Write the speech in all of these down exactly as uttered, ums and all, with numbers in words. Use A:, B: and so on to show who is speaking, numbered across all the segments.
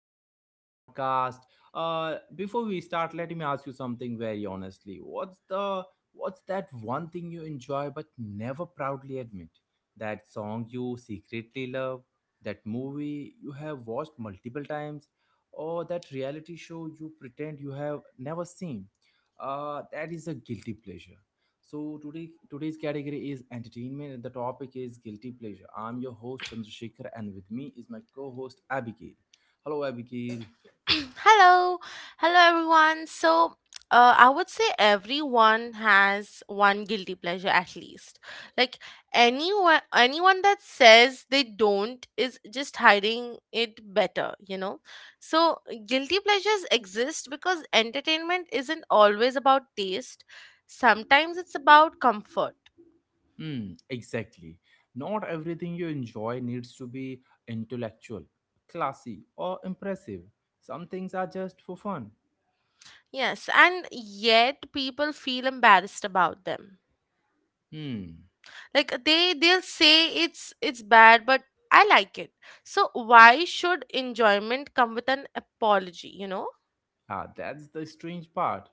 A: to another podcast. Uh, before we start, let me ask you something very honestly. What's the what's that one thing you enjoy but never proudly admit? That song you secretly love, that movie you have watched multiple times, or that reality show you pretend you have never seen. Uh, that is a guilty pleasure. So today today's category is entertainment and the topic is guilty pleasure. I'm your host Chandrasekhar, and with me is my co-host Abigail. Hello, Abigail.
B: Hello, hello everyone. So, uh, I would say everyone has one guilty pleasure at least. Like anyone, anyone that says they don't is just hiding it better, you know. So, guilty pleasures exist because entertainment isn't always about taste. Sometimes it's about comfort.
A: Hmm, exactly. Not everything you enjoy needs to be intellectual, classy, or impressive. Some things are just for fun.
B: Yes, and yet people feel embarrassed about them.
A: Hmm.
B: Like they they'll say it's it's bad but I like it, so why should enjoyment come with an apology, you know?
A: Ah, that's the strange part.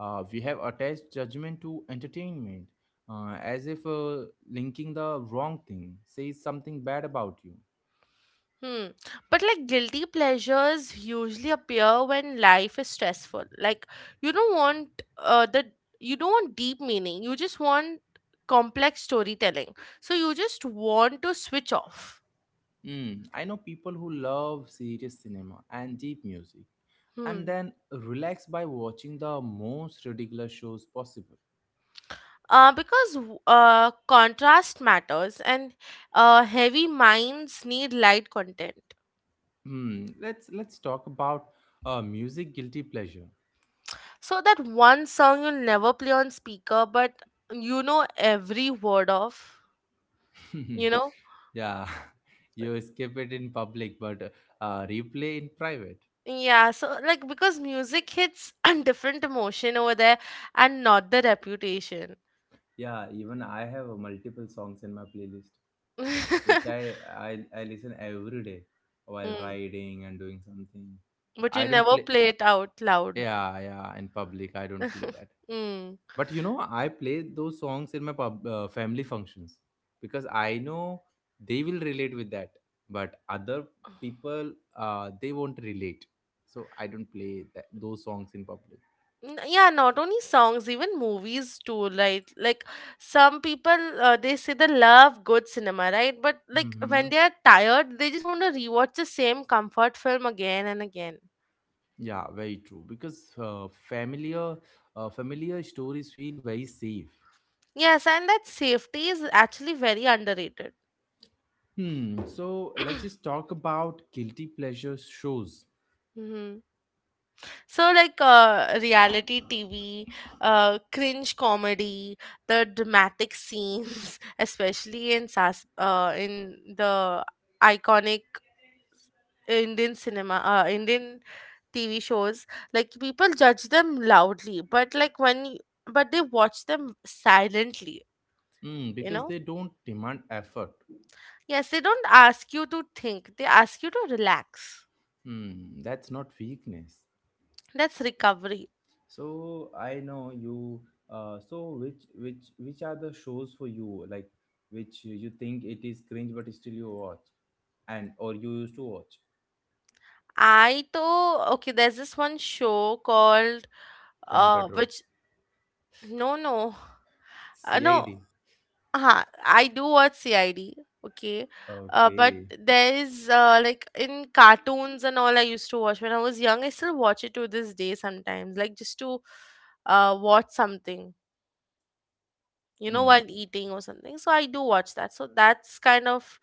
A: Uh, we have attached judgment to entertainment, uh, as if uh, linking the wrong thing says something bad about you.
B: Hmm, but like guilty pleasures usually appear when life is stressful. Like you don't want uh the you don't want deep meaning, you just want complex storytelling, so you just want to switch off.
A: Mm, I know people who love serious cinema and deep music and
B: Hmm
A: then relax by watching the most ridiculous shows possible.
B: uh, Because w- uh, contrast matters, and uh, heavy minds need light content.
A: Hmm, let's let's talk about uh, music guilty pleasure.
B: So that one song you never play on speaker, but you know every word of, you know?
A: yeah, you skip it in public but uh, replay in private.
B: Yeah, so like because music hits a different emotion over there and not the reputation.
A: Yeah, even I have uh, multiple songs in my playlist which I, I I listen every day while
B: Mm.
A: riding and doing something. But
B: But you
A: I don't
B: never
A: play.
B: play it out loud.
A: Yeah, yeah, in public I don't play that.
B: Mm.
A: But you know, I play those songs in my pub, uh, family functions, because I know they will relate with that. But other people, uh, they won't relate. So I don't play that, those songs in public.
B: N- Yeah, not only songs, even movies too, right? Like some people, uh, they say they love good cinema, right? But like
A: Hmm.
B: when they are tired, they just want to rewatch the same comfort film again and again.
A: Yeah, very true. Because uh, familiar, uh, familiar stories feel very safe.
B: Yes, and that safety is actually very underrated.
A: Hmm. So let's just talk about guilty pleasure shows.
B: Mhm. So, like uh, reality T V, uh, cringe comedy, the dramatic scenes, especially in Sas- uh, in the iconic Indian cinema, uh, Indian T V shows, like people judge them loudly, but like when, y- but they watch them silently,
A: Hmm.
B: you
A: Because
B: know?
A: they don't demand effort.
B: Yes, they don't ask you to think, they ask you to relax.
A: Hmm. That's not weakness.
B: That's recovery.
A: So I know you. Uh, so which which which are the shows for you, like which you think it is cringe but still you watch, and or you used to watch.
B: I though okay, there's this one show called
A: Crime
B: uh
A: Patrol,
B: which, no, no, uh, no,
A: C I D.
B: huh, I do watch C I D, okay. Uh but
A: Okay.
B: there is uh like in cartoons and all, I used to watch when I was young. I still watch it to this day, sometimes, like just to uh watch something, you know,
A: Hmm.
B: while eating or something. So I do watch that, so that's kind of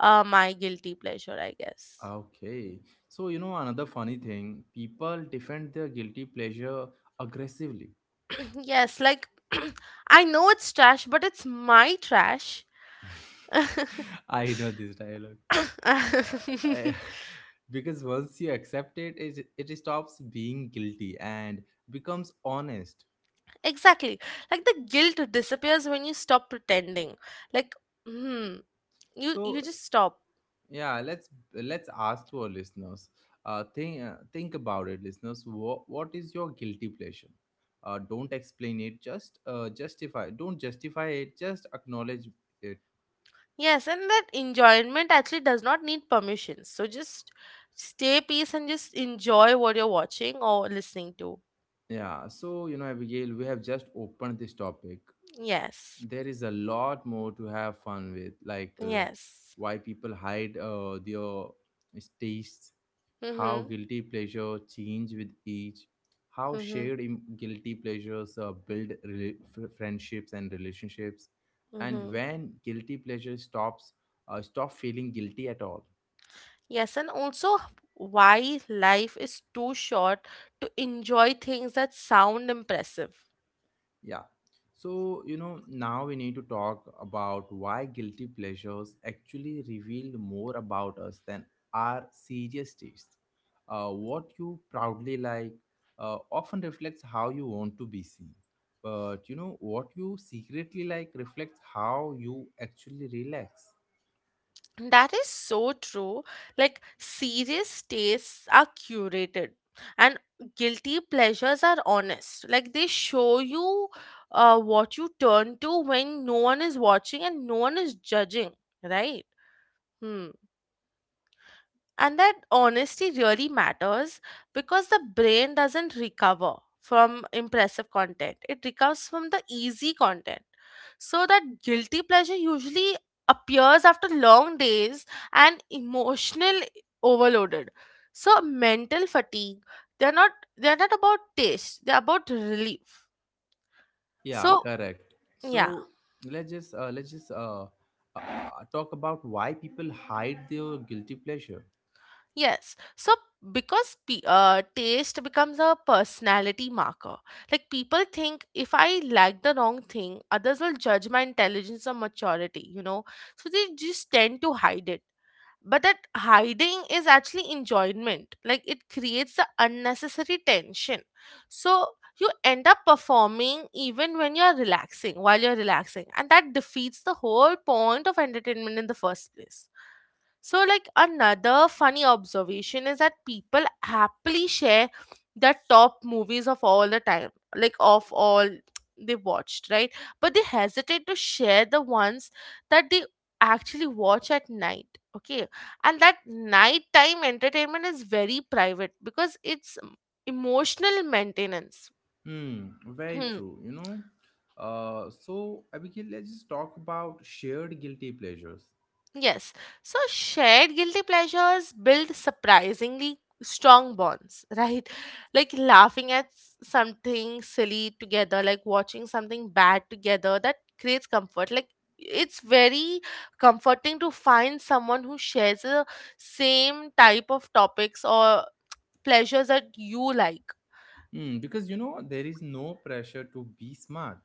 B: uh my guilty pleasure, I guess.
A: Okay. So you know another funny thing, people defend their guilty pleasure aggressively.
B: Yes, like I know it's trash, but it's my trash.
A: I know this dialogue. Uh, I, because once you accept it, it, it stops being guilty and becomes honest.
B: Exactly. Like the guilt disappears when you stop pretending. Like, hmm, you
A: So
B: you just stop.
A: yeah, let's let's ask to our listeners. Uh, think uh, think about it, listeners. What what is your guilty pleasure? Uh, don't explain it. Just uh, justify. Don't justify it. Just acknowledge it.
B: Yes, and that enjoyment actually does not need permission. So just stay peace and just enjoy what you're watching or listening to.
A: Yeah. So you know, Abigail, we have just opened this topic.
B: Yes.
A: There is a lot more to have fun with, like uh,
B: Yes.
A: why people hide uh, their tastes, how
B: Mhm.
A: guilty pleasure change with age, how
B: Mhm.
A: shared im- guilty pleasures uh, build rela- f- friendships and relationships, and
B: Mhm.
A: when guilty pleasure stops uh, stop feeling guilty at all.
B: Yes, and also why life is too short to enjoy things that sound impressive.
A: Yeah. So, you know, now we need to talk about why guilty pleasures actually reveal more about us than our serious tastes. Uh, what you proudly like uh, often reflects how you want to be seen. But, you know, what you secretly like reflects how you actually relax.
B: That is so true. Like, serious tastes are curated, and guilty pleasures are honest. Like, they show you uh, what you turn to when no one is watching and no one is judging, right? Hmm. And that honesty really matters because the brain doesn't recover from impressive content, it recovers from the easy content. So, that guilty pleasure usually appears after long days and emotional overloaded. So, mental fatigue, they're not they're not about taste, they're about relief.
A: Yeah,
B: So,
A: correct.
B: yeah.
A: So, let's just uh, let's just uh, uh, uh, talk about why people hide their guilty pleasure.
B: Yes. So because pe- uh, taste becomes a personality marker. Like people think, if I like the wrong thing, others will judge my intelligence or maturity, you know. So they just tend to hide it, but that hiding is actually enjoyment. Like it creates the unnecessary tension, so you end up performing even when you're relaxing while you're relaxing, and that defeats the whole point of entertainment in the first place. So like another funny observation is that people happily share their top movies of all the time, like of all they watched, right? But they hesitate to share the ones that they actually watch at night, okay? And that nighttime entertainment is very private, because it's um, emotional maintenance.
A: Hmm, very
B: Hmm,
A: true, you know. Uh, so, Abigail, let's just talk about shared guilty pleasures.
B: yes, so shared guilty pleasures build surprisingly strong bonds, right? Like laughing at s- something silly together, like watching something bad together, that creates comfort. Like it's very comforting to find someone who shares the same type of topics or pleasures that you like.
A: Hmm, because, you know, there is no pressure to be smart.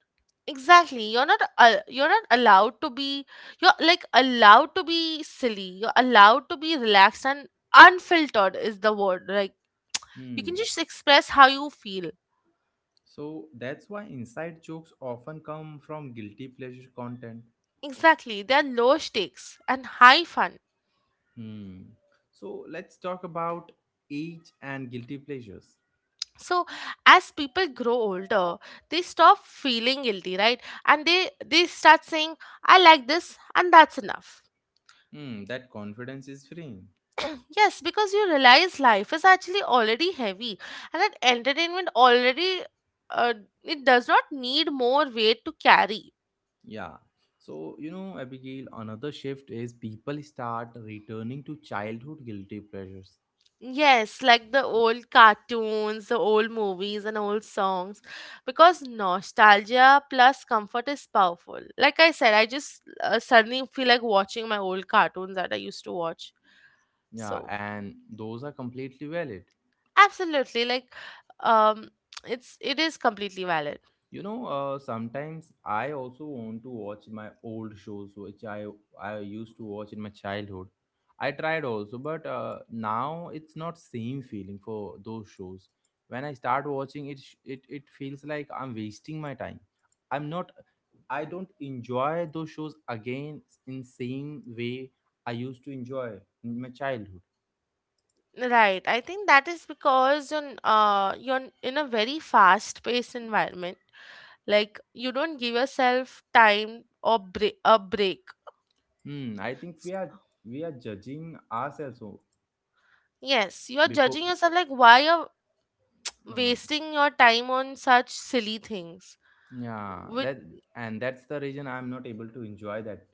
B: Exactly. You're not uh, you're not allowed to be, you're like allowed to be silly. You're allowed to be relaxed, and unfiltered is the word. Like you can
A: Hmm.
B: just express how you feel.
A: So, that's why inside jokes often come from guilty pleasure content.
B: Exactly. There are low stakes and high fun.
A: Hmm. So, let's talk about age and guilty pleasures.
B: So as people grow older, they stop feeling guilty, right? And they they start saying, I like this and that's enough.
A: Hmm, that confidence is freeing.
B: Yes, because you realize life is actually already heavy, and that entertainment already uh, it does not need more weight to carry.
A: Yeah. So, you know, Abigail, another shift is people start returning to childhood guilty pleasures.
B: Yes, like the old cartoons, the old movies and old songs, because nostalgia plus comfort is powerful. Like I said, I just uh, suddenly feel like watching my old cartoons that I used to watch.
A: Yeah,
B: So,
A: and those are completely valid.
B: absolutely, like um it's it is completely valid.
A: You know, uh, sometimes I also want to watch my old shows, which I I used to watch in my childhood. I tried also, but uh, now it's not same feeling for those shows. When I start watching it, sh- it it feels like I'm wasting my time. I'm not. I don't enjoy those shows again in same way I used to enjoy in my childhood.
B: Right. I think that is because in, uh, you're in a very fast-paced environment. Like you don't give yourself time or break a break.
A: Hmm, I think
B: S-
A: we are we are judging ourselves o-
B: Yes, you're
A: before.
B: judging yourself, like why you're
A: Uh,
B: wasting your time on such silly things.
A: yeah,
B: With
A: that and that's the reason I'm not able to enjoy that.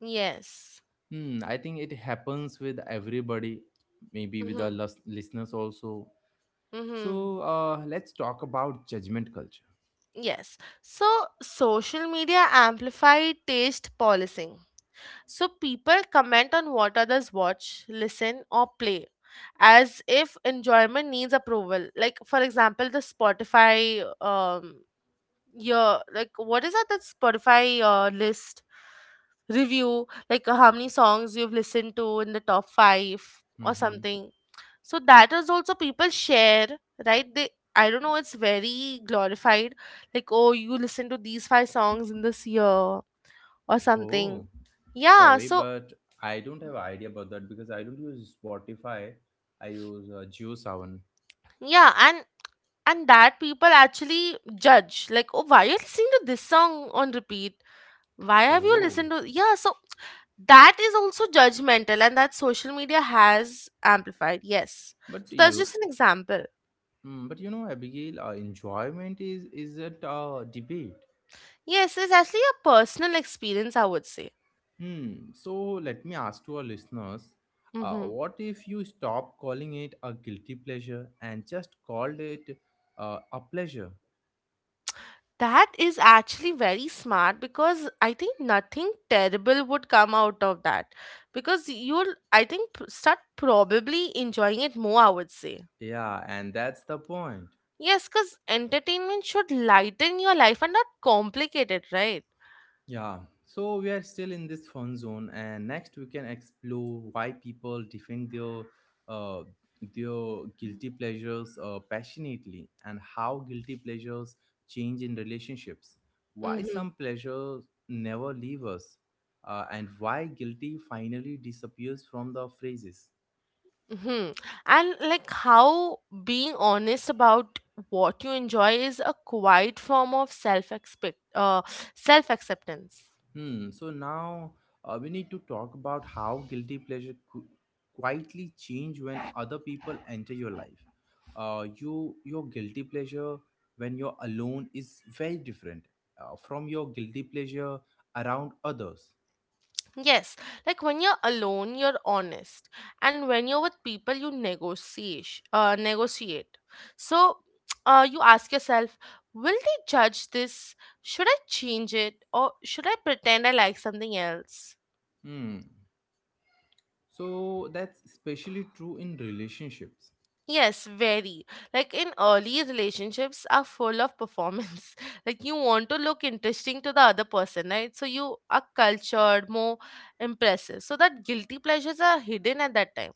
B: yes.
A: Hmm, I think it happens with everybody, maybe with our
B: Mm-hmm.
A: lis- listeners also.
B: Mm-hmm.
A: So uh, let's talk about judgment culture.
B: Yes. So social media amplified taste policing. So people comment on what others watch, listen, or play, as if enjoyment needs approval. Like, for example, the Spotify, um, your like, what is that, that Spotify uh, list review? Like, uh, how many songs you've listened to in the top five or
A: Mm-hmm.
B: something. So, that is also people share, right? They, I don't know, it's very glorified. Like, oh, you listen to these five songs in this year or
A: Oh,
B: something. Yeah,
A: sorry,
B: so
A: but I don't have idea about that because I don't use Spotify. I use uh, JioSaavn.
B: yeah, and and that people actually judge, like, oh, why are you listening to this song on repeat? Why have you
A: Oh,
B: listened to, yeah? So that is also judgmental, and that social media has amplified. Yes,
A: but
B: so that's
A: you,
B: just an example.
A: mm, but you know, Abigail, uh, enjoyment is isn't a debate.
B: Yes, it's actually a personal experience, I would say.
A: Hmm. So let me ask to our listeners, uh,
B: Mm-hmm.
A: what if you stop calling it a guilty pleasure and just called it uh, a pleasure?
B: That is actually very smart, because I think nothing terrible would come out of that, because you'll, I think, p- start probably enjoying it more, I would say.
A: Yeah, and that's the point.
B: Yes, because entertainment should lighten your life and not complicate it, right?
A: Yeah, so we are still in this fun zone, and next we can explore why people defend their uh, their guilty pleasures uh, passionately, and how guilty pleasures change in relationships. Why
B: Mm-hmm.
A: some pleasures never leave us, uh, and why guilty finally disappears from the phrases.
B: Mm-hmm. And like how being honest about what you enjoy is a quiet form of self expect uh self acceptance.
A: Hmm. So now, uh, we need to talk about how guilty pleasure qu- quietly change when other people enter your life. Uh, you your guilty pleasure when you're alone is very different uh, from your guilty pleasure around others.
B: Yes, like when you're alone, you're honest, and when you're with people, you negotiate. Uh, negotiate. So, uh, you ask yourself, will they judge this? Should I change it, or should I pretend I like something else?
A: Hmm. So that's especially true in relationships.
B: Yes, very. Like in early relationships, are full of performance. Like you want to look interesting to the other person, right? So you are cultured, more impressive. So that guilty pleasures are hidden at that time.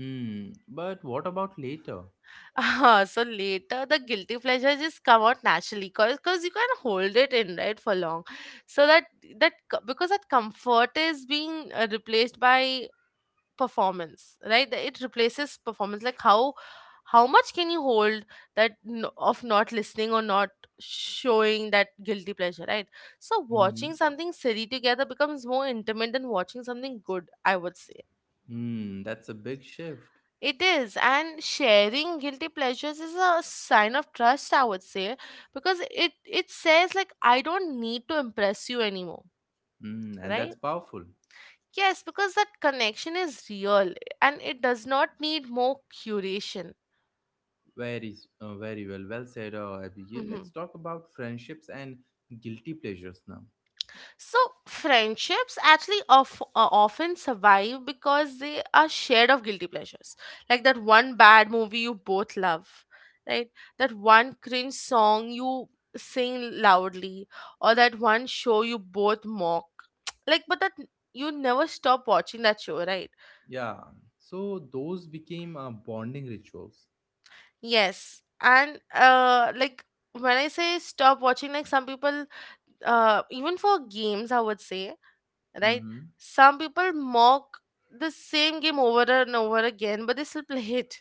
A: Hmm. But what about later?
B: uh So later, the guilty pleasure just come out naturally, cause, cause you can hold it in, right, for long. So that that co- because that comfort is being uh, replaced by performance, right? That it replaces performance. Like how how much can you hold that n- of not listening or not showing that guilty pleasure, right? So watching
A: Hmm.
B: something silly together becomes more intimate than watching something good, I would say.
A: Hmm. That's a big shift.
B: It is, and sharing guilty pleasures is a sign of trust, I would say, because it it says like, I don't need to impress you anymore,
A: Hmm. And
B: right?
A: that's powerful.
B: Yes, because that connection is real and it does not need more curation.
A: Very, uh, very well. Well said, uh, Abigail. Let's
B: Mhm.
A: talk about friendships and guilty pleasures now.
B: So, friendships actually of, uh, often survive because they are shared of guilty pleasures. Like that one bad movie you both love, right? That one cringe song you sing loudly, or that one show you both mock. Like, but that you never stop watching that show, right?
A: Yeah. So those became uh, bonding rituals.
B: Yes. And, uh, like, when I say stop watching, like, some people uh, even for games, I would say, right?
A: Hmm.
B: Some people mock the same game over and over again, but they still play it.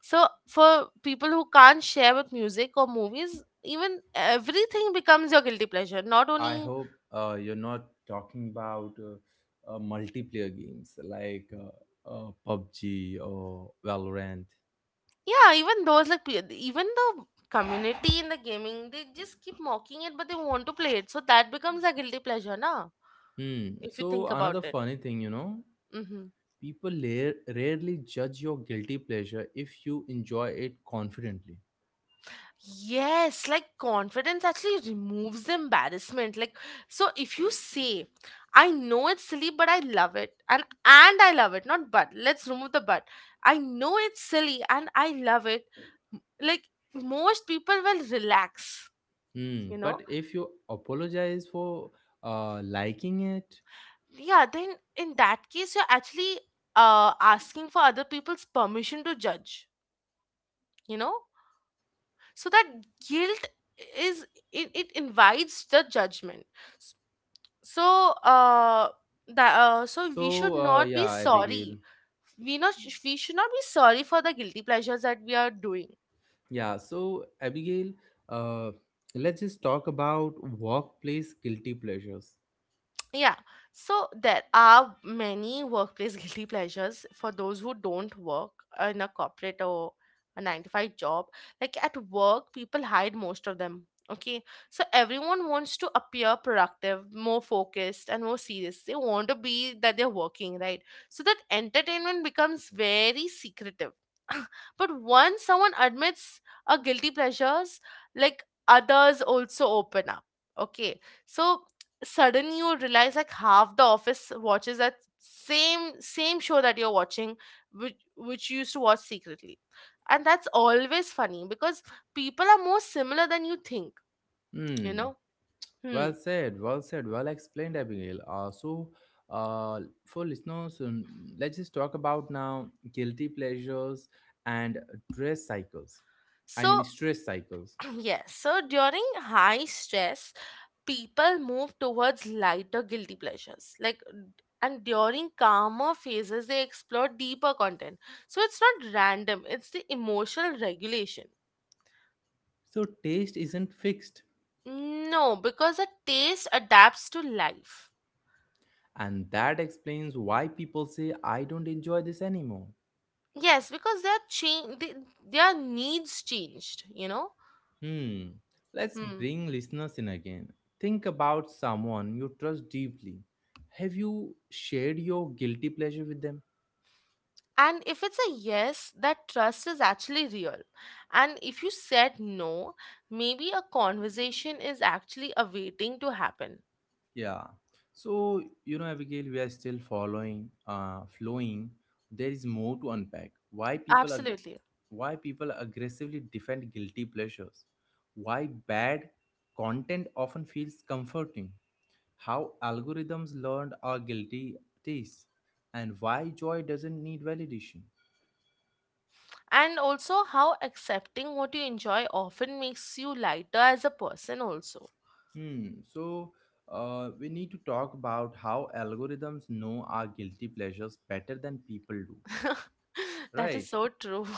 B: So, for people who can't share with music or movies, even everything becomes your guilty pleasure. Not
A: I
B: only,
A: hope uh, you're not talking about uh, uh, multiplayer games like uh, uh, PUBG or Valorant.
B: yeah, even those, like, pe- even the community in the gaming, they just keep mocking it, but they want to play it. So, that becomes a guilty pleasure, na?
A: Hmm.
B: If you
A: So
B: think about
A: another
B: it.
A: funny thing, you know,
B: Mm-hmm.
A: people la- rarely judge your guilty pleasure if you enjoy it confidently.
B: Yes, like confidence actually removes the embarrassment. Like so if you say, I know it's silly but I love it, and and I love it, not but. Let's remove the but. I know it's silly and I love it. Like most people will relax,
A: Hmm.
B: you know?
A: But if you apologize for uh, liking it,
B: Yeah, then in that case you're actually uh asking for other people's permission to judge, you know? So that guilt is it, it invites the judgment. So uh that uh, so we
A: so
B: should
A: uh,
B: not be
A: yeah, Abigail.
B: sorry, we not sh- we should not be sorry for the guilty pleasures that we are doing.
A: Yeah, so Abigail, uh, let's just talk about workplace guilty pleasures.
B: Yeah. So there are many workplace guilty pleasures for those who don't work in a corporate or a nine to five job. Like at work, people hide most of them. Okay. So everyone wants to appear productive, more focused, and more serious. They want to be that they're working, right? So that entertainment becomes very secretive. but once someone admits a guilty pleasures, like others also open up. Okay. So suddenly you realize like half the office watches that same same show that you're watching, which which you used to watch secretly, and that's always funny because people are more similar than you think you
A: Hmm.
B: know hmm
A: Well said, well said, well explained, Abigail. Uh, so, uh, for listeners, um, let's just talk about now guilty pleasures and dress cycles. I
B: so
A: mean, stress cycles.
B: yes so during high stress people move towards lighter guilty pleasures like d- and during calmer phases they explore deeper content. So it's not random, it's the emotional regulation.
A: So, taste isn't fixed.
B: No, because a taste adapts to life.
A: And that explains why people say, I don't enjoy this anymore.
B: Yes, because their change, their needs changed, you know.
A: Hmm, let's
B: Hmm.
A: bring listeners in again. Think about someone you trust deeply. Have you shared your guilty pleasure with them?
B: And if it's a yes, that trust is actually real. And if you said no, maybe a conversation is actually awaiting to happen.
A: Yeah. So, you know, Abigail, we are still following, uh, flowing. There is more to unpack. Why people are
B: Absolutely.
A: why people aggressively defend guilty pleasures, why bad content often feels comforting, how algorithms learned our guilty tastes, and why joy doesn't need validation.
B: And also, how accepting what you enjoy often makes you lighter as a person, also.
A: Hmm. So uh, we need to talk about how algorithms know our guilty pleasures better than people do,
B: that is
A: right?
B: so true.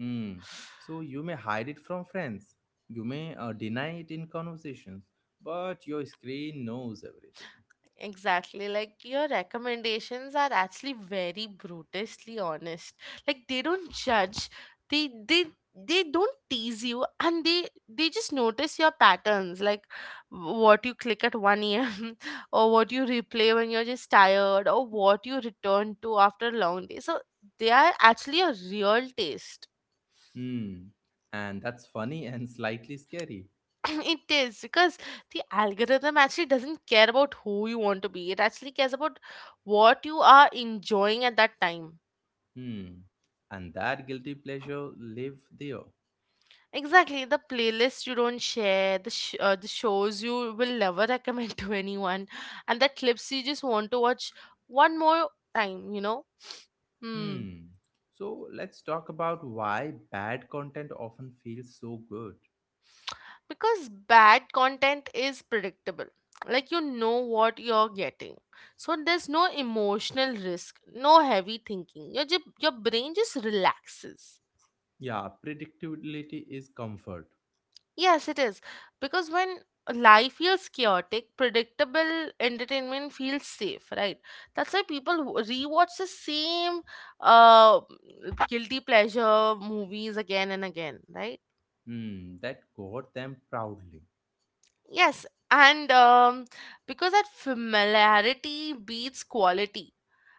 A: Hmm. So you may hide it from friends, you may uh, deny it in conversations, but your screen knows everything.
B: Exactly. Like your recommendations are actually very brutishly honest. Like they don't judge. They they they don't tease you, and they they just notice your patterns, like w- what you click at one a.m. or what you replay when you're just tired, or what you return to after a long day. So they are actually a real taste.
A: Hmm. And that's funny and slightly scary.
B: it is because the algorithm actually doesn't care about who you want to be. It actually cares about what you are enjoying at that time.
A: Hmm. And that guilty pleasure live there.
B: Exactly, the playlist you don't share, the sh- uh, the shows you will never recommend to anyone, and the clips you just want to watch one more time. You know, hmm.
A: Hmm. So let's talk about why bad content often feels so good.
B: because bad content is predictable. Like you know what you're getting. So there's no emotional risk, no heavy thinking. Your ju- your brain just relaxes.
A: Yeah, predictability is comfort.
B: Yes, it is. Because when life feels chaotic, predictable entertainment feels safe, right? That's why people w- rewatch the same uh, guilty pleasure movies again and again, right?
A: Hmm, that got them proudly.
B: Yes. And um, because that familiarity beats quality.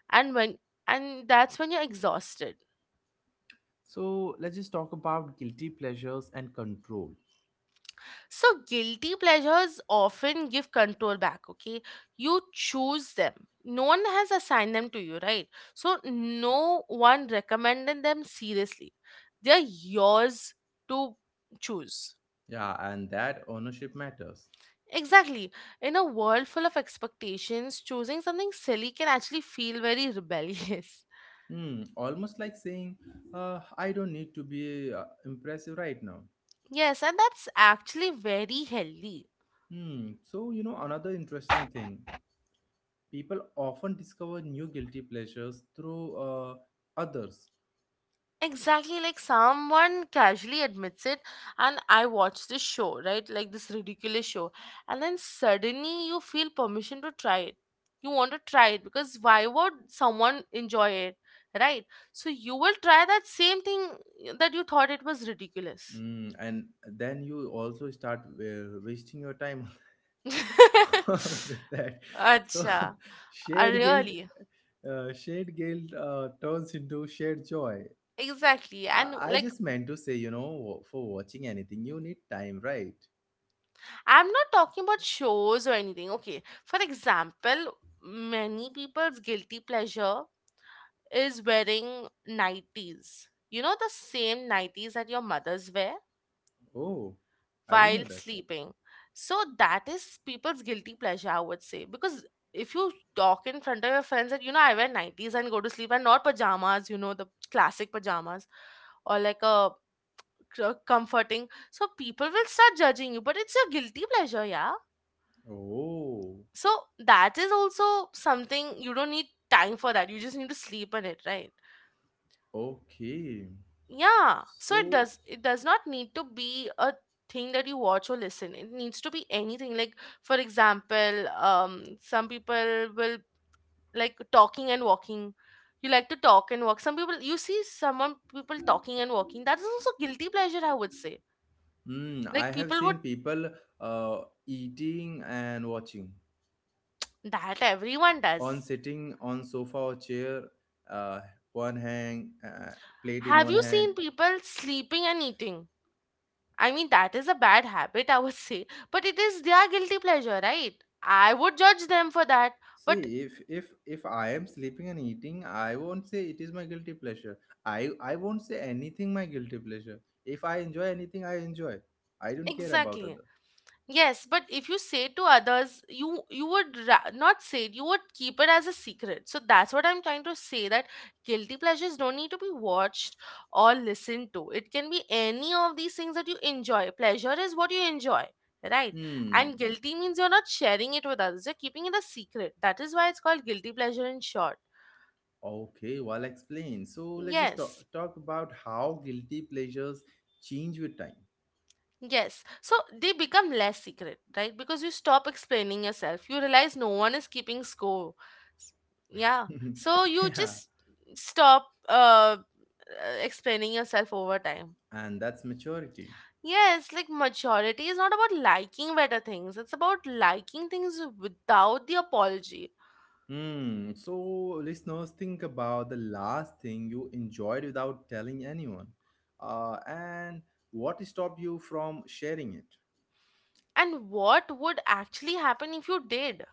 B: And when and that's when you're exhausted.
A: So let's just talk about guilty pleasures and control.
B: So, guilty pleasures often give control back, okay? You choose them. No one has assigned them to you, right? So, no one recommended them seriously. They're yours to choose.
A: Yeah, and that ownership matters.
B: Exactly. In a world full of expectations, choosing something silly can actually feel very rebellious.
A: Hmm, almost like saying, uh, I don't need to be uh, impressive right now.
B: Yes, and that's actually very healthy.
A: Hmm, so you know, another interesting thing, people often discover new guilty pleasures through uh, others.
B: Exactly, like someone casually admits it, and I watched this show, right? Like this ridiculous show, and then suddenly you feel permission to try it. You want to try it because why would someone enjoy it, right? So you will try that same thing that you thought it was ridiculous.
A: Mm, and then you also start uh, wasting your time on that. So
B: Acha, uh,
A: shared guilt,
B: really?
A: uh, shared guilt uh, turns into shared joy.
B: Exactly, and
A: I, I
B: like
A: just meant to say, you know, wa- for watching anything, you need time, right?
B: I'm not talking about shows or anything. Okay. For example, many people's guilty pleasure is wearing nighties. You know, the same nighties that your mothers wear
A: Oh, I didn't know
B: while
A: that.
B: sleeping. So that is people's guilty pleasure, I would say. Because if you talk in front of your friends that, you know, I wear nighties and go to sleep and not pajamas, you know, the classic pajamas or like a c- comforting. So people will start judging you, but it's your guilty pleasure, yeah.
A: Oh,
B: So that is also something you don't need time for that. You just need to sleep on it, right?
A: okay.
B: Yeah. So it
A: So,
B: does it does not need to be a thing that you watch or listen. It needs to be anything. Like for example, um some people will like talking and walking. You like to talk and walk. Some people you see someone people talking and walking. That is also guilty pleasure, I would say.
A: mm,
B: Like
A: I have
B: people would
A: seen people uh, eating and watching.
B: that everyone
A: On
B: does.
A: sitting on sofa or chair, uh, one hand, uh, plate in
B: Have
A: one
B: you
A: hand.
B: seen people sleeping and eating? I mean, that is a bad habit, I would say. But it is their guilty pleasure, right? I would judge them for that.
A: See,
B: But
A: if if if I am sleeping and eating, I won't say it is my guilty pleasure. I i won't say anything my guilty pleasure. If I enjoy anything, I enjoy. I don't care about
B: exactly.
A: others.
B: Yes, but if you say to others, you you would ra- not say it, you would keep it as a secret. So that's what I'm trying to say, that guilty pleasures don't need to be watched or listened to. It can be any of these things that you enjoy. Pleasure is what you enjoy, right?
A: Hmm.
B: And guilty means you're not sharing it with others. You're keeping it a secret. That is why it's called guilty pleasure in short.
A: Okay, well explained. So let's just talk,
B: Yes.
A: talk about how guilty pleasures change with
B: Yes. So they become less secret, right? Because you stop explaining yourself. You realize no one is keeping score. S- Yeah.
A: time.
B: So you
A: yeah,
B: just stop uh, uh, explaining yourself over time.
A: and that's maturity.
B: Yes, like maturity is not about liking better things. It's about liking things without the apology.
A: Hmm. So, listeners, think about the last thing you enjoyed without telling anyone, uh, and what stopped you from sharing it?
B: And what would actually happen if you did?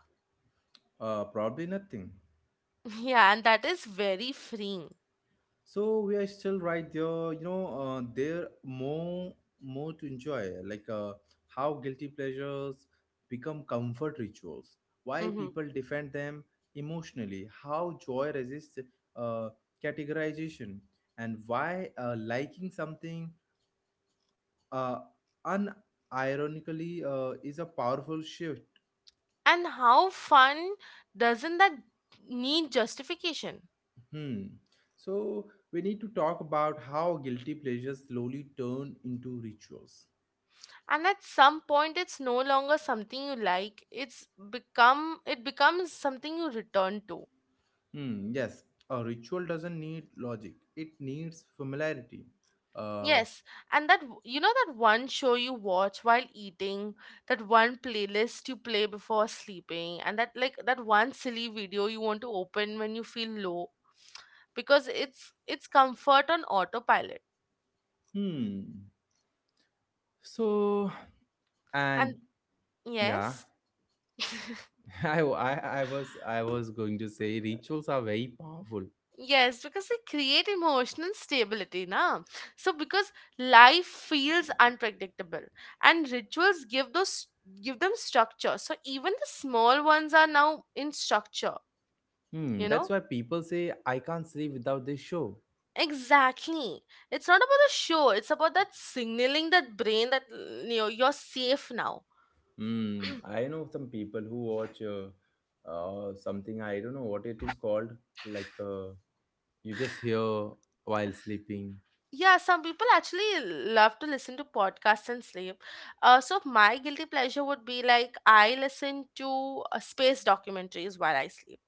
A: Uh, probably nothing.
B: Yeah, and that is very freeing.
A: So we are still right there. You know, uh, there more more to enjoy. Like, uh, how guilty pleasures become comfort rituals. Why
B: Hmm.
A: people defend them emotionally. How joy resists uh, categorization, and why uh, liking something uh, unironically uh, is a powerful shift.
B: And how fun doesn't that need justification?
A: Hmm. So we need to talk about how guilty pleasures slowly turn into rituals.
B: And at some point it's no longer something you like, it's become it becomes something you return to.
A: Hmm. Yes, a ritual doesn't need logic; it needs familiarity. Uh.
B: Yes, and that w- you know, that one show you watch while eating, that one playlist you play before sleeping, and that, like, that one silly video you want to open when you feel low, because it's it's comfort on autopilot.
A: Hmm. So and
B: and
A: yeah,
B: yes
A: I, I I was I was going to say rituals are very powerful.
B: Yes, because they create emotional stability na. So because life feels unpredictable, and rituals give those give them structure. So even the small ones are now in structure,
A: Hmm.
B: you
A: That's
B: know?
A: why people say I can't sleep without this show.
B: Exactly. It's not about the show, it's about that signaling that brain that you know you're safe now.
A: Mm, I know some people who watch uh, uh, something, I don't know what it is called, like uh, you just hear while sleeping.
B: Yeah, some people actually love to listen to podcasts and sleep. Uh, so my guilty pleasure would be like I listen to uh, space documentaries while I sleep.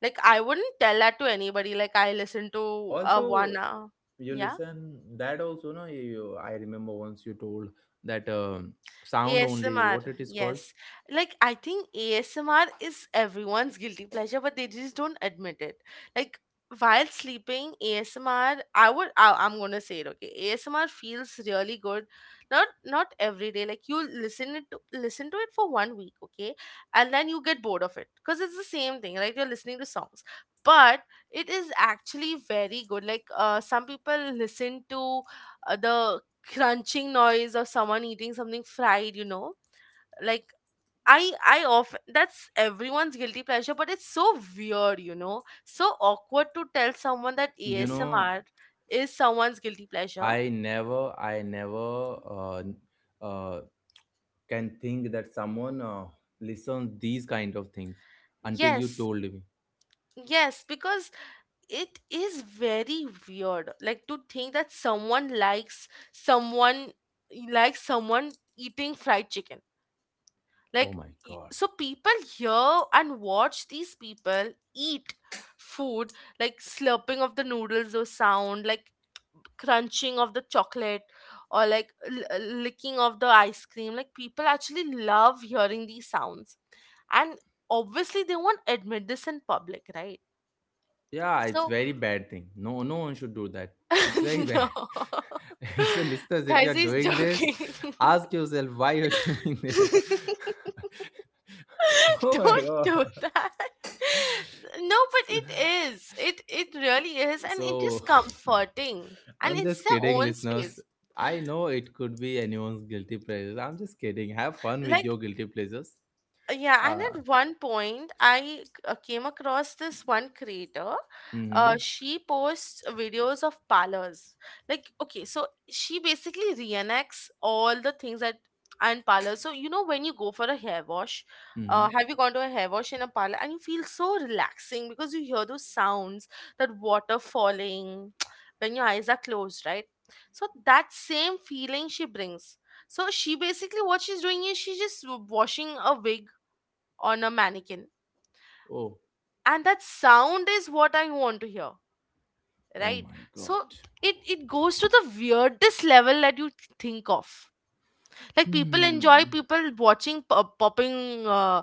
B: Like I wouldn't tell that to anybody. Like I listen to uh,
A: Also,
B: one. Uh,
A: you
B: yeah.
A: listen that also, no, you, you- I remember once you told that um sound only,
B: A S M R,
A: what it is called.
B: yes. Like, I think A S M R is everyone's guilty pleasure, but they just don't admit it. Like, while sleeping, A S M R, I would, I, I'm gonna say it, okay. A S M R feels really good. Not, not every day. Like, you listen it, to, listen to it for one week, okay, and then you get bored of it because it's the same thing, right? You're listening to songs, but it is actually very good. Like, uh, some people listen to uh, the crunching noise of someone eating something fried, you know, like i i often, that's everyone's guilty pleasure, but it's so weird, you know, so awkward to tell someone that
A: You know,
B: A S M R is someone's guilty pleasure.
A: I never, I never uh, uh, can think that someone uh, listens these kind of things until you
B: Yes,
A: told me.
B: yes, because it is very weird, like to think that someone likes someone likes someone eating fried chicken,
A: Oh
B: like
A: my
B: y-
A: God.
B: so people hear and watch these people eat food, like slurping of the noodles, or sound like crunching of the chocolate, or like l- uh, licking of the ice cream. Like people actually love hearing these sounds, and obviously they won't admit this in public, right?
A: Yeah, it's
B: So
A: very bad thing. No, no one should do that. It's very bad.
B: no.
A: so, listeners, if you are
B: Guys, he's
A: doing this,
B: joking.
A: ask yourself why you're doing this. Oh my
B: Don't do
A: god.
B: that. No, but
A: So,
B: it is. It it really is, and it is
A: so,
B: comforting, and
A: I'm
B: it's
A: just
B: their
A: kidding,
B: own
A: listeners.
B: space.
A: I know it could be anyone's guilty pleasures. I'm just kidding. Have fun with
B: Like
A: your guilty pleasures.
B: Uh, yeah, and
A: Uh,
B: at one point i uh, came across this one creator.
A: mm-hmm,
B: Uh, she posts videos of parlors. Like, okay, so she basically reenacts all the things that are in parlors. So you know, when you go for a hair wash,
A: mm-hmm.
B: uh, have you gone to a hair wash in a parlor and you feel so relaxing because you hear those sounds, that water falling when your eyes are closed, right? So that same feeling she brings. So she basically, what she's doing is she's just w- washing a wig on a mannequin,
A: Oh,
B: and that sound is what i want to hear,
A: oh
B: right?
A: my
B: So
A: god.
B: it it goes to the weirdest level that you think of. Like people enjoy
A: Hmm.
B: people watching pop- popping uh,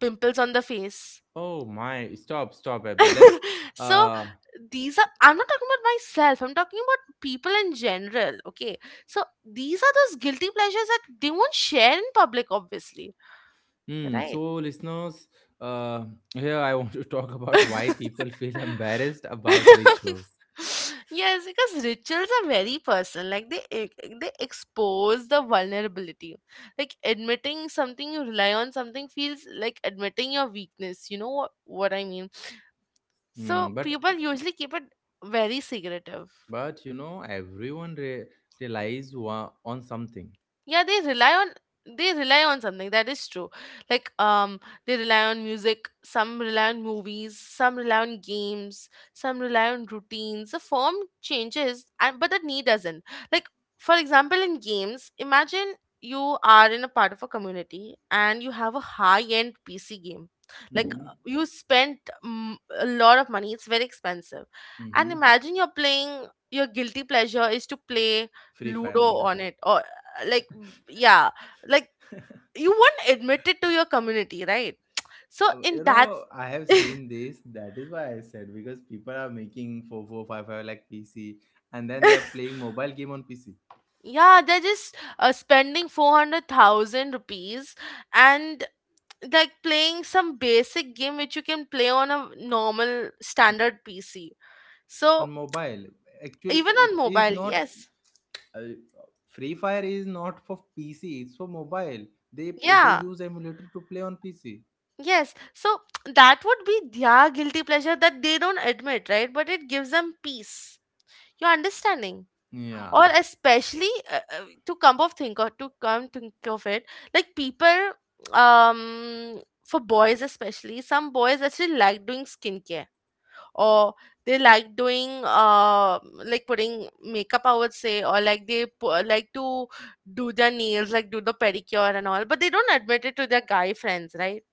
B: pimples on the face.
A: Oh my! Stop, stop, Abby. Let's.
B: So
A: Uh,
B: these are, I'm not talking about myself, I'm talking about people in general, okay? So these are those guilty pleasures that they won't share in public, obviously,
A: Hmm. So,
B: right?
A: listeners, uh, here I want to talk about why people feel embarrassed about rituals.
B: Yes, because rituals are very personal. Like they e- they expose the vulnerability. Like admitting something you rely on something feels like admitting your weakness. You know what what I mean.
A: Hmm.
B: So
A: But
B: people usually keep it very secretive.
A: but you know, everyone re- relies wa- on something.
B: Yeah, they rely on they rely on something that is true, like um they rely on music, some rely on movies, some rely on games, some rely on routines. The form changes, and but the need doesn't. Like, for example, in games, imagine you are in a part of a community and you have a high end pc game, like
A: Mm-hmm.
B: you spent mm, a lot of money, it's very expensive. And
A: Mm-hmm.
B: imagine you're playing, your guilty pleasure is to play
A: Free
B: Ludo
A: fire on that.
B: on it, or like, yeah, like you won't admit it to your community, right? So
A: Uh,
B: in
A: you
B: that,
A: know, I have seen this. That is why I said because people are making four four five five like P C, and then they are playing mobile game on P C
B: yeah, they're just uh, spending four hundred thousand rupees and, like, playing some basic game which you can play on a normal standard pc.
A: on
B: So
A: mobile. Actually,
B: even
A: it
B: on
A: is
B: mobile,
A: not
B: yes.
A: uh, Free Fire is not for P C, it's for mobile. They they
B: Yeah,
A: use emulator to play on P C.
B: yes, so that would be their guilty pleasure that they don't admit, right? But it gives them peace, you're understanding. Or
A: Yeah,
B: especially, uh, uh, to come of think, or to come think of it, like people, um for boys especially, some boys actually like doing skincare, or they like doing, uh like putting makeup, I would say, or like they pu- like to do their nails, like do the pedicure and all, but they don't admit it to their guy friends, right?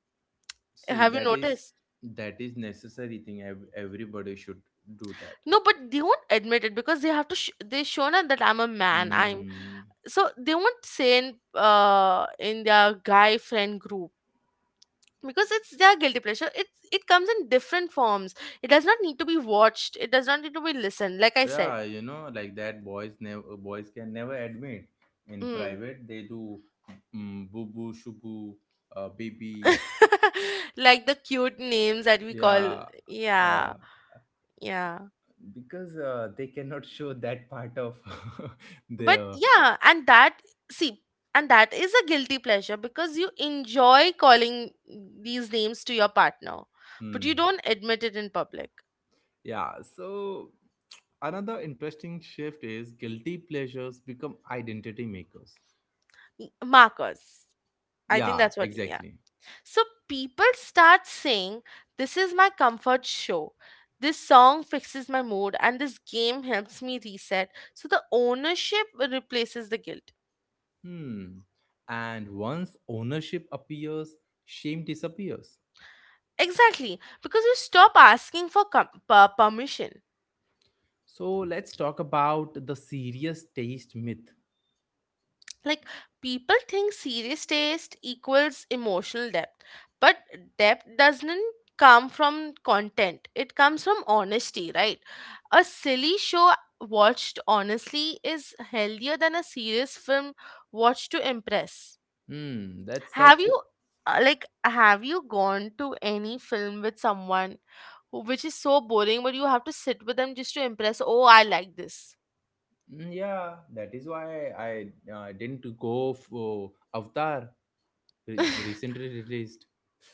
A: see
B: Have you
A: that is
B: noticed?
A: that is necessary thing. Ev- Everybody should do that.
B: No, but they won't admit it because they have to sh- they shown that I'm a man, I'm.
A: Mm.
B: So they won't say in, uh, in their guy friend group, because it's their guilty pleasure, it's, it comes in different forms. It does not need to be watched, it does not need to be listened, like I said.
A: Yeah, you know, like that boys never boys can never admit in
B: Mm.
A: private. They do mm, boo boo shubu, uh, baby.
B: Like the cute names that we call,
A: Yeah,
B: yeah.
A: yeah,
B: Yeah,
A: because uh, they cannot show that part of
B: but
A: their.
B: yeah, and that, see, and that is a guilty pleasure because you enjoy calling these names to your partner, but you
A: Mm.
B: don't admit it in public.
A: Yeah, so another interesting shift is guilty pleasures become identity makers.
B: Markers. I think
A: Yeah,
B: that's what, yeah.
A: exactly.
B: So people start saying, this is my comfort show, this song fixes my mood, and this game helps me reset. So the ownership replaces the guilt.
A: Hmm. And once ownership appears, shame disappears.
B: Exactly, because you stop asking for com- per- permission.
A: So let's talk about the serious taste myth.
B: Like, people think serious taste equals emotional depth, but depth doesn't come from content, it comes from honesty, right? A silly show watched honestly is healthier than a serious film watched to impress.
A: Hmm. That's
B: Have
A: such.
B: you, uh, like, have you gone to any film with someone who, which is so boring, but you have to sit with them just to impress, oh, I like this.
A: Hmm, yeah, that is why I uh, didn't go for Avatar re- recently released.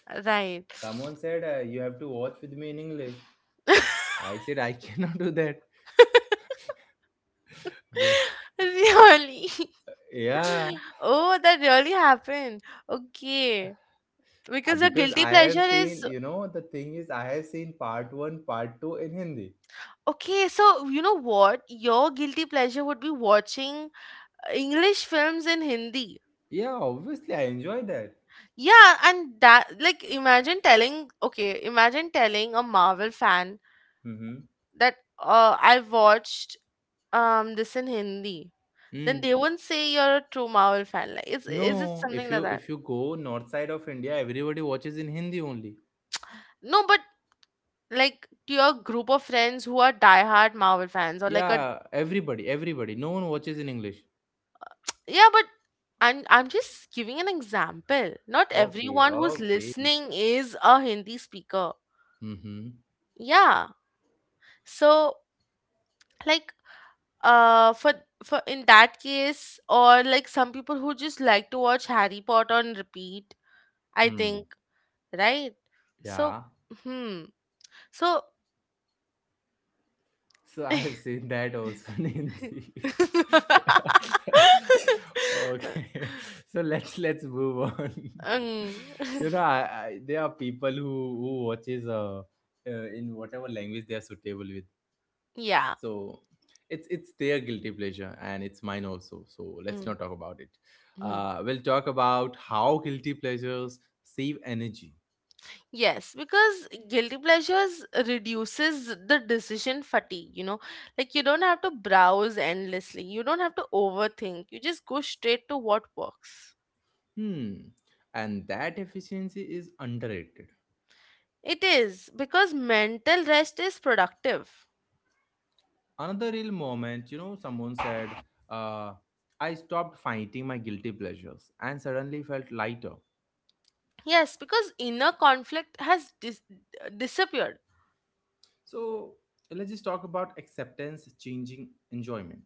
B: Right.
A: Someone said uh, you have to watch with me in English. I said I cannot do that.
B: Really?
A: Yeah,
B: Oh, that really happened. Okay.
A: uh,
B: Because your
A: because
B: guilty
A: I
B: pleasure
A: have
B: is,
A: seen, you know, the thing is, I have seen part one, part two in Hindi.
B: okay, so you know what? Your guilty pleasure would be watching uh, English films in Hindi.
A: Yeah, obviously, I enjoy that.
B: Yeah, and that, like, imagine telling, okay, imagine telling a Marvel fan
A: Mm-hmm.
B: that uh I watched um this in Hindi. Then
A: Mm.
B: they won't say you're a true Marvel fan. Like, is is it
A: No,
B: something
A: if
B: like
A: you
B: that?
A: if you go north side of India, everybody watches in Hindi only.
B: No, but like, to your group of friends who are diehard Marvel fans or like a,
A: Yeah, everybody, everybody. No one watches in English.
B: yeah, but I'm I'm just giving an example. Not
A: Okay,
B: everyone who's
A: okay.
B: listening is a Hindi speaker.
A: Mm-hmm.
B: Yeah. So, like, uh for for in that case, or like, some people who just like to watch Harry Potter on repeat, I
A: Hmm.
B: think, right? So,
A: Yeah.
B: hmm. So
A: So I have seen that also in Hindi. Okay, so let's let's move on.
B: um
A: You know, I, I, there are people who who watches uh, uh in whatever language they are suitable with.
B: Yeah.
A: So it's it's their guilty pleasure and it's mine also. So let's
B: Mm,
A: not talk about it.
B: mhm.
A: Uh, we'll talk about how guilty pleasures save energy.
B: Yes, because guilty pleasures reduces the decision fatigue, you know. Like, you don't have to browse endlessly, you don't have to overthink, you just go straight to what works.
A: Hmm, and that efficiency is underrated.
B: It is, because mental rest is productive.
A: Another real moment, you know, someone said, uh, I stopped fighting my guilty pleasures and suddenly felt lighter.
B: Yes, because inner conflict has dis- uh, disappeared.
A: So let's just talk about acceptance changing enjoyment.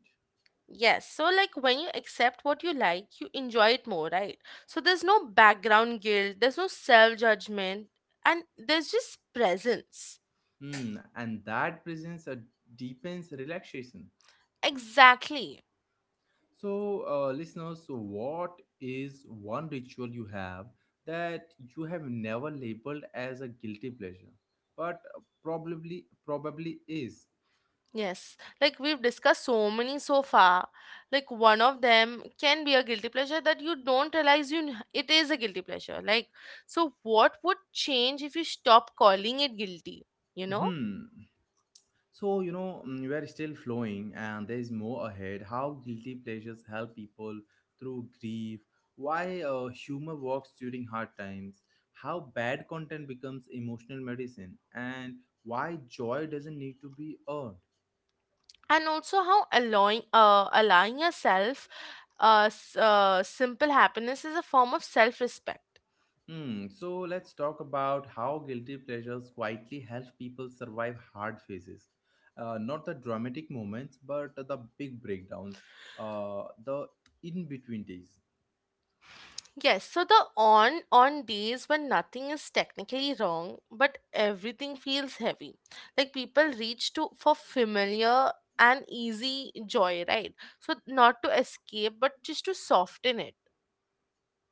B: Yes, so like, when you accept what you like, you enjoy it more, right? So there's no background guilt, there's no self judgment, and there's just presence.
A: Hmm, and that presents a deepens relaxation.
B: Exactly.
A: So uh, listeners, so what is one ritual you have that you have never labeled as a guilty pleasure but probably probably is?
B: Yes. Like we've discussed so many so far. Like, one of them can be a guilty pleasure that you don't realize you n- it is a guilty pleasure. Like, so what would change if you stop calling it guilty, you know?
A: Hmm. So, you know, mm, we are still flowing and there is more ahead. How guilty pleasures help people through grief, why uh, humor works during hard times, how bad content becomes emotional medicine, and why joy doesn't need to be earned.
B: And also how allowing uh allowing yourself, uh, s- uh simple happiness is a form of self-respect.
A: Hmm, so let's talk about how guilty pleasures quietly help people survive hard phases. Uh, not the dramatic moments, but the big breakdowns, uh, the in between days.
B: Yes, so the on on days when nothing is technically wrong, but everything feels heavy. Like, people reach to for familiar and easy joy, right? So not to escape, but just to soften it.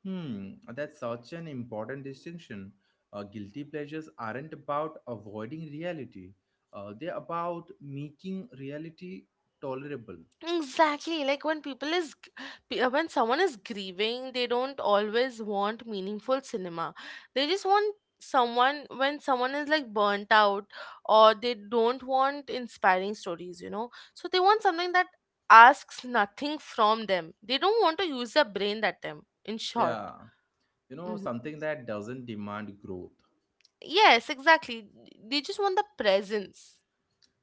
A: Hmm, that's such an important distinction. Uh, guilty pleasures aren't about avoiding reality, uh, they're about making reality tolerable.
B: Exactly, like, when people is g- pe- uh, when someone is grieving, they don't always want meaningful cinema. They just want, someone, when someone is like burnt out, or they don't want inspiring stories, you know. So they want something that asks nothing from them. They don't want to use their brain that time. In short,
A: Yeah, you know,
B: hmm,
A: something that doesn't demand growth.
B: yes, exactly. They just want the presence.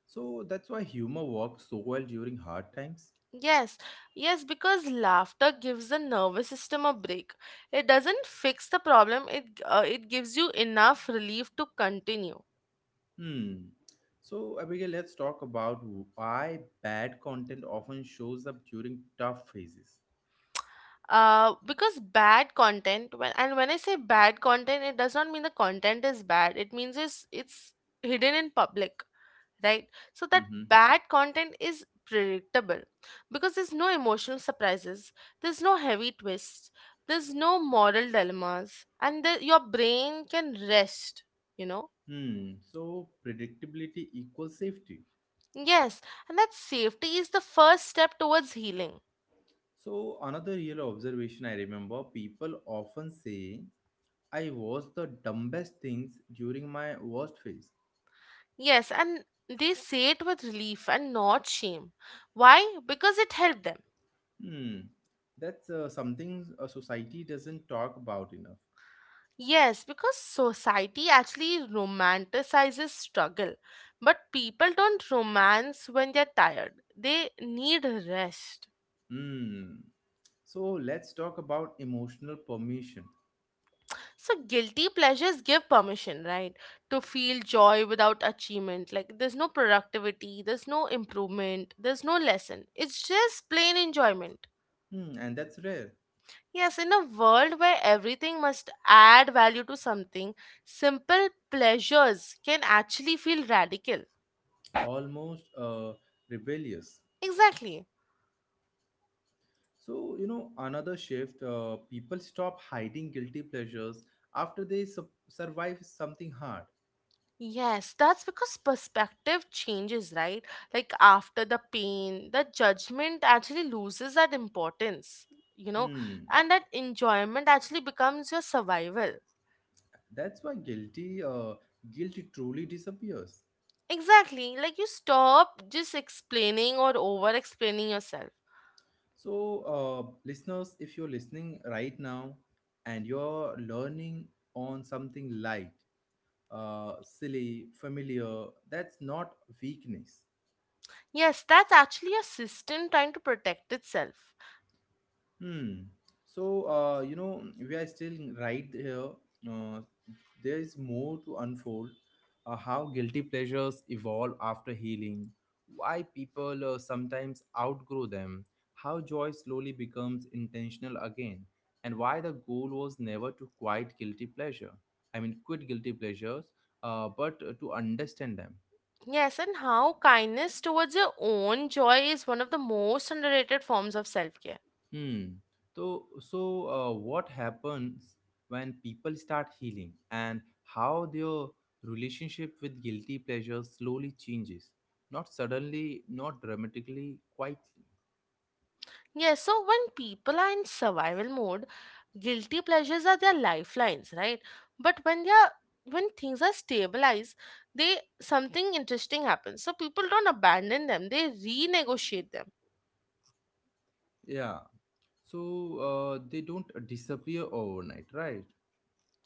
A: So that's why humor works so well during hard times.
B: Yes, yes, because laughter gives the nervous system a break. It doesn't fix the problem, it, uh, it gives you enough relief to continue.
A: Hmm. So, Abigail, let's talk about why bad content often shows up during tough phases.
B: Uh, because bad content, when, and when I say bad content, it does not mean the content is bad, it means it's, it's hidden in public, right? So that
A: Mm-hmm.
B: bad content is predictable, because there's no emotional surprises, there's no heavy twists, there's no moral dilemmas, and the, your brain can rest, you know.
A: Hmm. So, predictability equals safety.
B: Yes, and that safety is the first step towards healing.
A: So, another real observation, I remember people often say I was the dumbest things during my worst phase.
B: Yes, and they say it with relief and not shame. Why? Because it helped them.
A: Hmm, that's uh, something a society doesn't talk about enough.
B: Yes, because society actually romanticizes struggle. But people don't romance when they're tired, they need rest.
A: Hmm. So, let's talk about emotional permission.
B: So, guilty pleasures give permission, right? To feel joy without achievement. Like, there's no productivity, there's no improvement, there's no lesson. It's just plain enjoyment.
A: Hmm, and that's rare,
B: Yes, in a world where everything must add value to something, simple pleasures can actually feel radical.
A: almost uh, rebellious.
B: Exactly.
A: So, you know, another shift, uh, people stop hiding guilty pleasures after they su- survive something hard.
B: Yes, that's because perspective changes, right? Like, after the pain, the judgment actually loses that importance, you know,
A: Hmm.
B: and that enjoyment actually becomes your survival.
A: That's why guilty uh, guilt truly disappears.
B: Exactly. Like, you stop just explaining or over explaining yourself.
A: So uh, listeners, if you're listening right now and you're learning on something light, uh, silly, familiar, that's not weakness.
B: Yes, that's actually your system trying to protect itself.
A: Hmm. So, uh, you know, we are still right here. Uh, there is more to unfold. Uh, how guilty pleasures evolve after healing, why people uh, sometimes outgrow them, how joy slowly becomes intentional again, and why the goal was never to quite guilty pleasure. I mean, quit guilty pleasures, uh, but uh, to understand them.
B: Yes, and how kindness towards your own joy is one of the most underrated forms of self care.
A: Hmm. So, so uh, what happens when people start healing and how their relationship with guilty pleasure slowly changes? Not suddenly, not dramatically, quietly.
B: Yes, so when people are in survival mode, guilty pleasures are their lifelines, right? But when they are, when things are stabilized, they, something interesting happens. So people don't abandon them; they renegotiate them.
A: Yeah. So uh, they don't disappear overnight, right?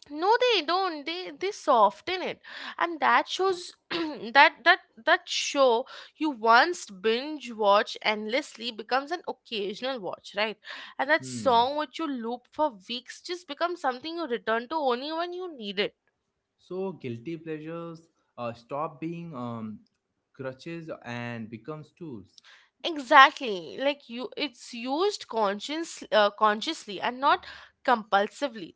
B: No, they don't, they they soften it. And that shows that that that show you once binge watch endlessly becomes an occasional watch, right? And that
A: Hmm.
B: song which you loop for weeks just becomes something you return to only when you need it.
A: So guilty pleasures uh, stop being um, crutches and becomes tools.
B: Exactly, like, you, it's used conscious uh, consciously and not compulsively.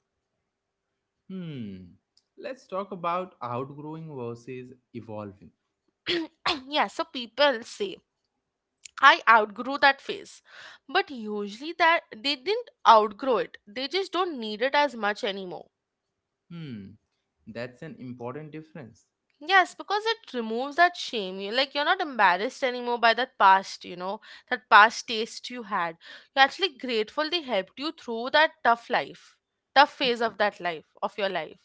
A: Hmm. Let's talk about outgrowing versus evolving.
B: Yeah, so people say, I outgrew that phase. But usually that they didn't outgrow it. They just don't need it as much anymore.
A: Hmm, that's an important difference.
B: Yes, because it removes that shame. You, like, you're not embarrassed anymore by that past, you know, that past taste you had. You're actually grateful they helped you through that tough life, tough
A: Hmm,
B: phase of that life, of your life.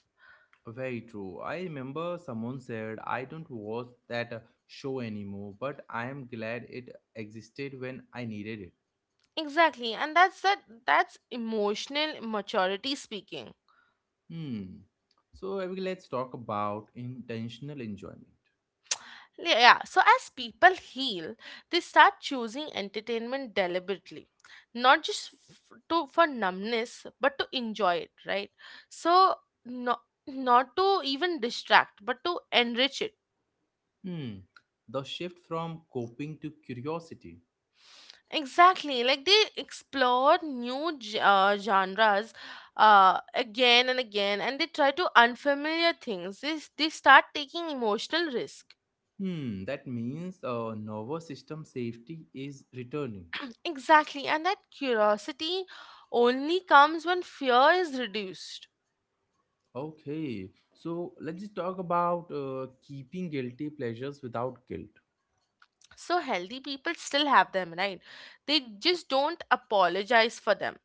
A: very true. I remember someone said, I don't watch that uh, show anymore, but I am glad it existed when I needed it.
B: Exactly. And that's that that's emotional maturity speaking.
A: Hmm. So, Abigail, let's talk about intentional enjoyment.
B: Yeah, yeah. So, as people heal, they start choosing entertainment deliberately, not just f- to for numbness, but to enjoy it, right? So not, not to even distract, but to enrich it.
A: Hmm. The shift from coping to curiosity.
B: Exactly, like they explore new ge- uh, genres, uh, again and again, and they try to unfamiliar things. They, s- they start taking emotional risk.
A: Hmm. That means uh, nervous system safety is returning.
B: Exactly, and that curiosity only comes when fear is reduced.
A: Okay. So let's just talk about uh, keeping guilty pleasures without guilt.
B: So healthy people still have them, right? They just don't apologize for them.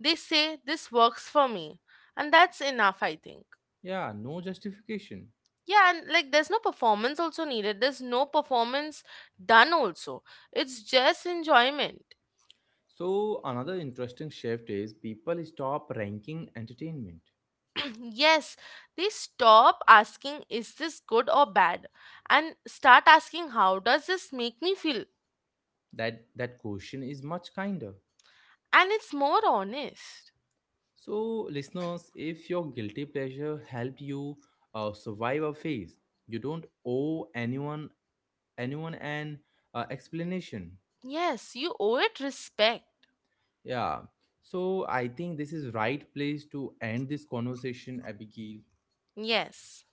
B: They say, this works for me, and that's enough, I think.
A: Yeah, no justification.
B: Yeah, and like, there's no performance also needed. There's no performance done also. It's just enjoyment.
A: So another interesting shift is people stop ranking entertainment.
B: Yes, they stop asking, is this good or bad, and start asking, how does this make me feel?
A: That that question is much kinder.
B: And it's more honest.
A: So listeners, if your guilty pleasure helped you uh, survive a phase, you don't owe anyone anyone an uh, explanation.
B: Yes, you owe it respect.
A: Yeah. So I think this is right place to end this conversation, Abigail.
B: Yes.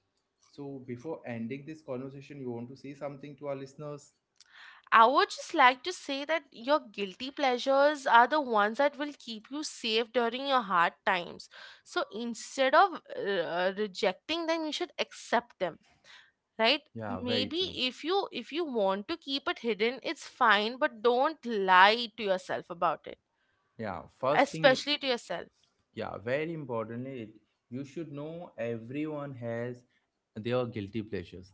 A: So before ending this conversation, you want to say something to our listeners?
B: I would just like to say that your guilty pleasures are the ones that will keep you safe during your hard times. So instead of uh, rejecting them, you should accept them, right?
A: Yeah, very true.
B: Maybe if you if you want to keep it hidden, it's fine, but don't lie to yourself about it,
A: Yeah, first thing, you-
B: especially to yourself.
A: yeah, very importantly, it, you should know everyone has their guilty pleasures.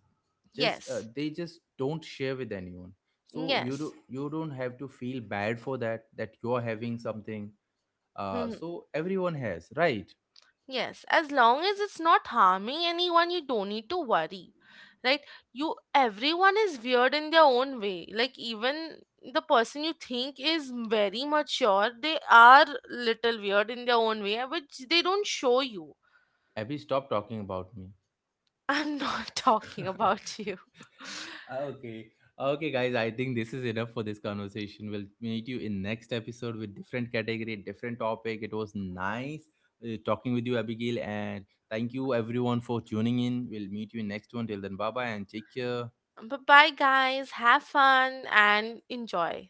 A: Just uh,
B: Yes,
A: they just don't share with anyone. So you do
B: yes.
A: you don't have to feel bad for that that you're having something. Uh, so everyone has, right?
B: Yes, as long as it's not harming anyone, you don't need to worry. Right? You, everyone is weird in their own way. Like, even the person you think is very mature, they are little weird in their own way, which they don't show you.
A: Abby, stop talking about me.
B: I'm not talking about you.
A: Okay, okay, guys, I think this is enough for this conversation. We'll meet you in next episode with different category, different topic. It was nice uh, talking with you, Abigail, and thank you everyone for tuning in. We'll meet you in next one. Till then, bye bye and take care.
B: But bye guys, have fun and enjoy.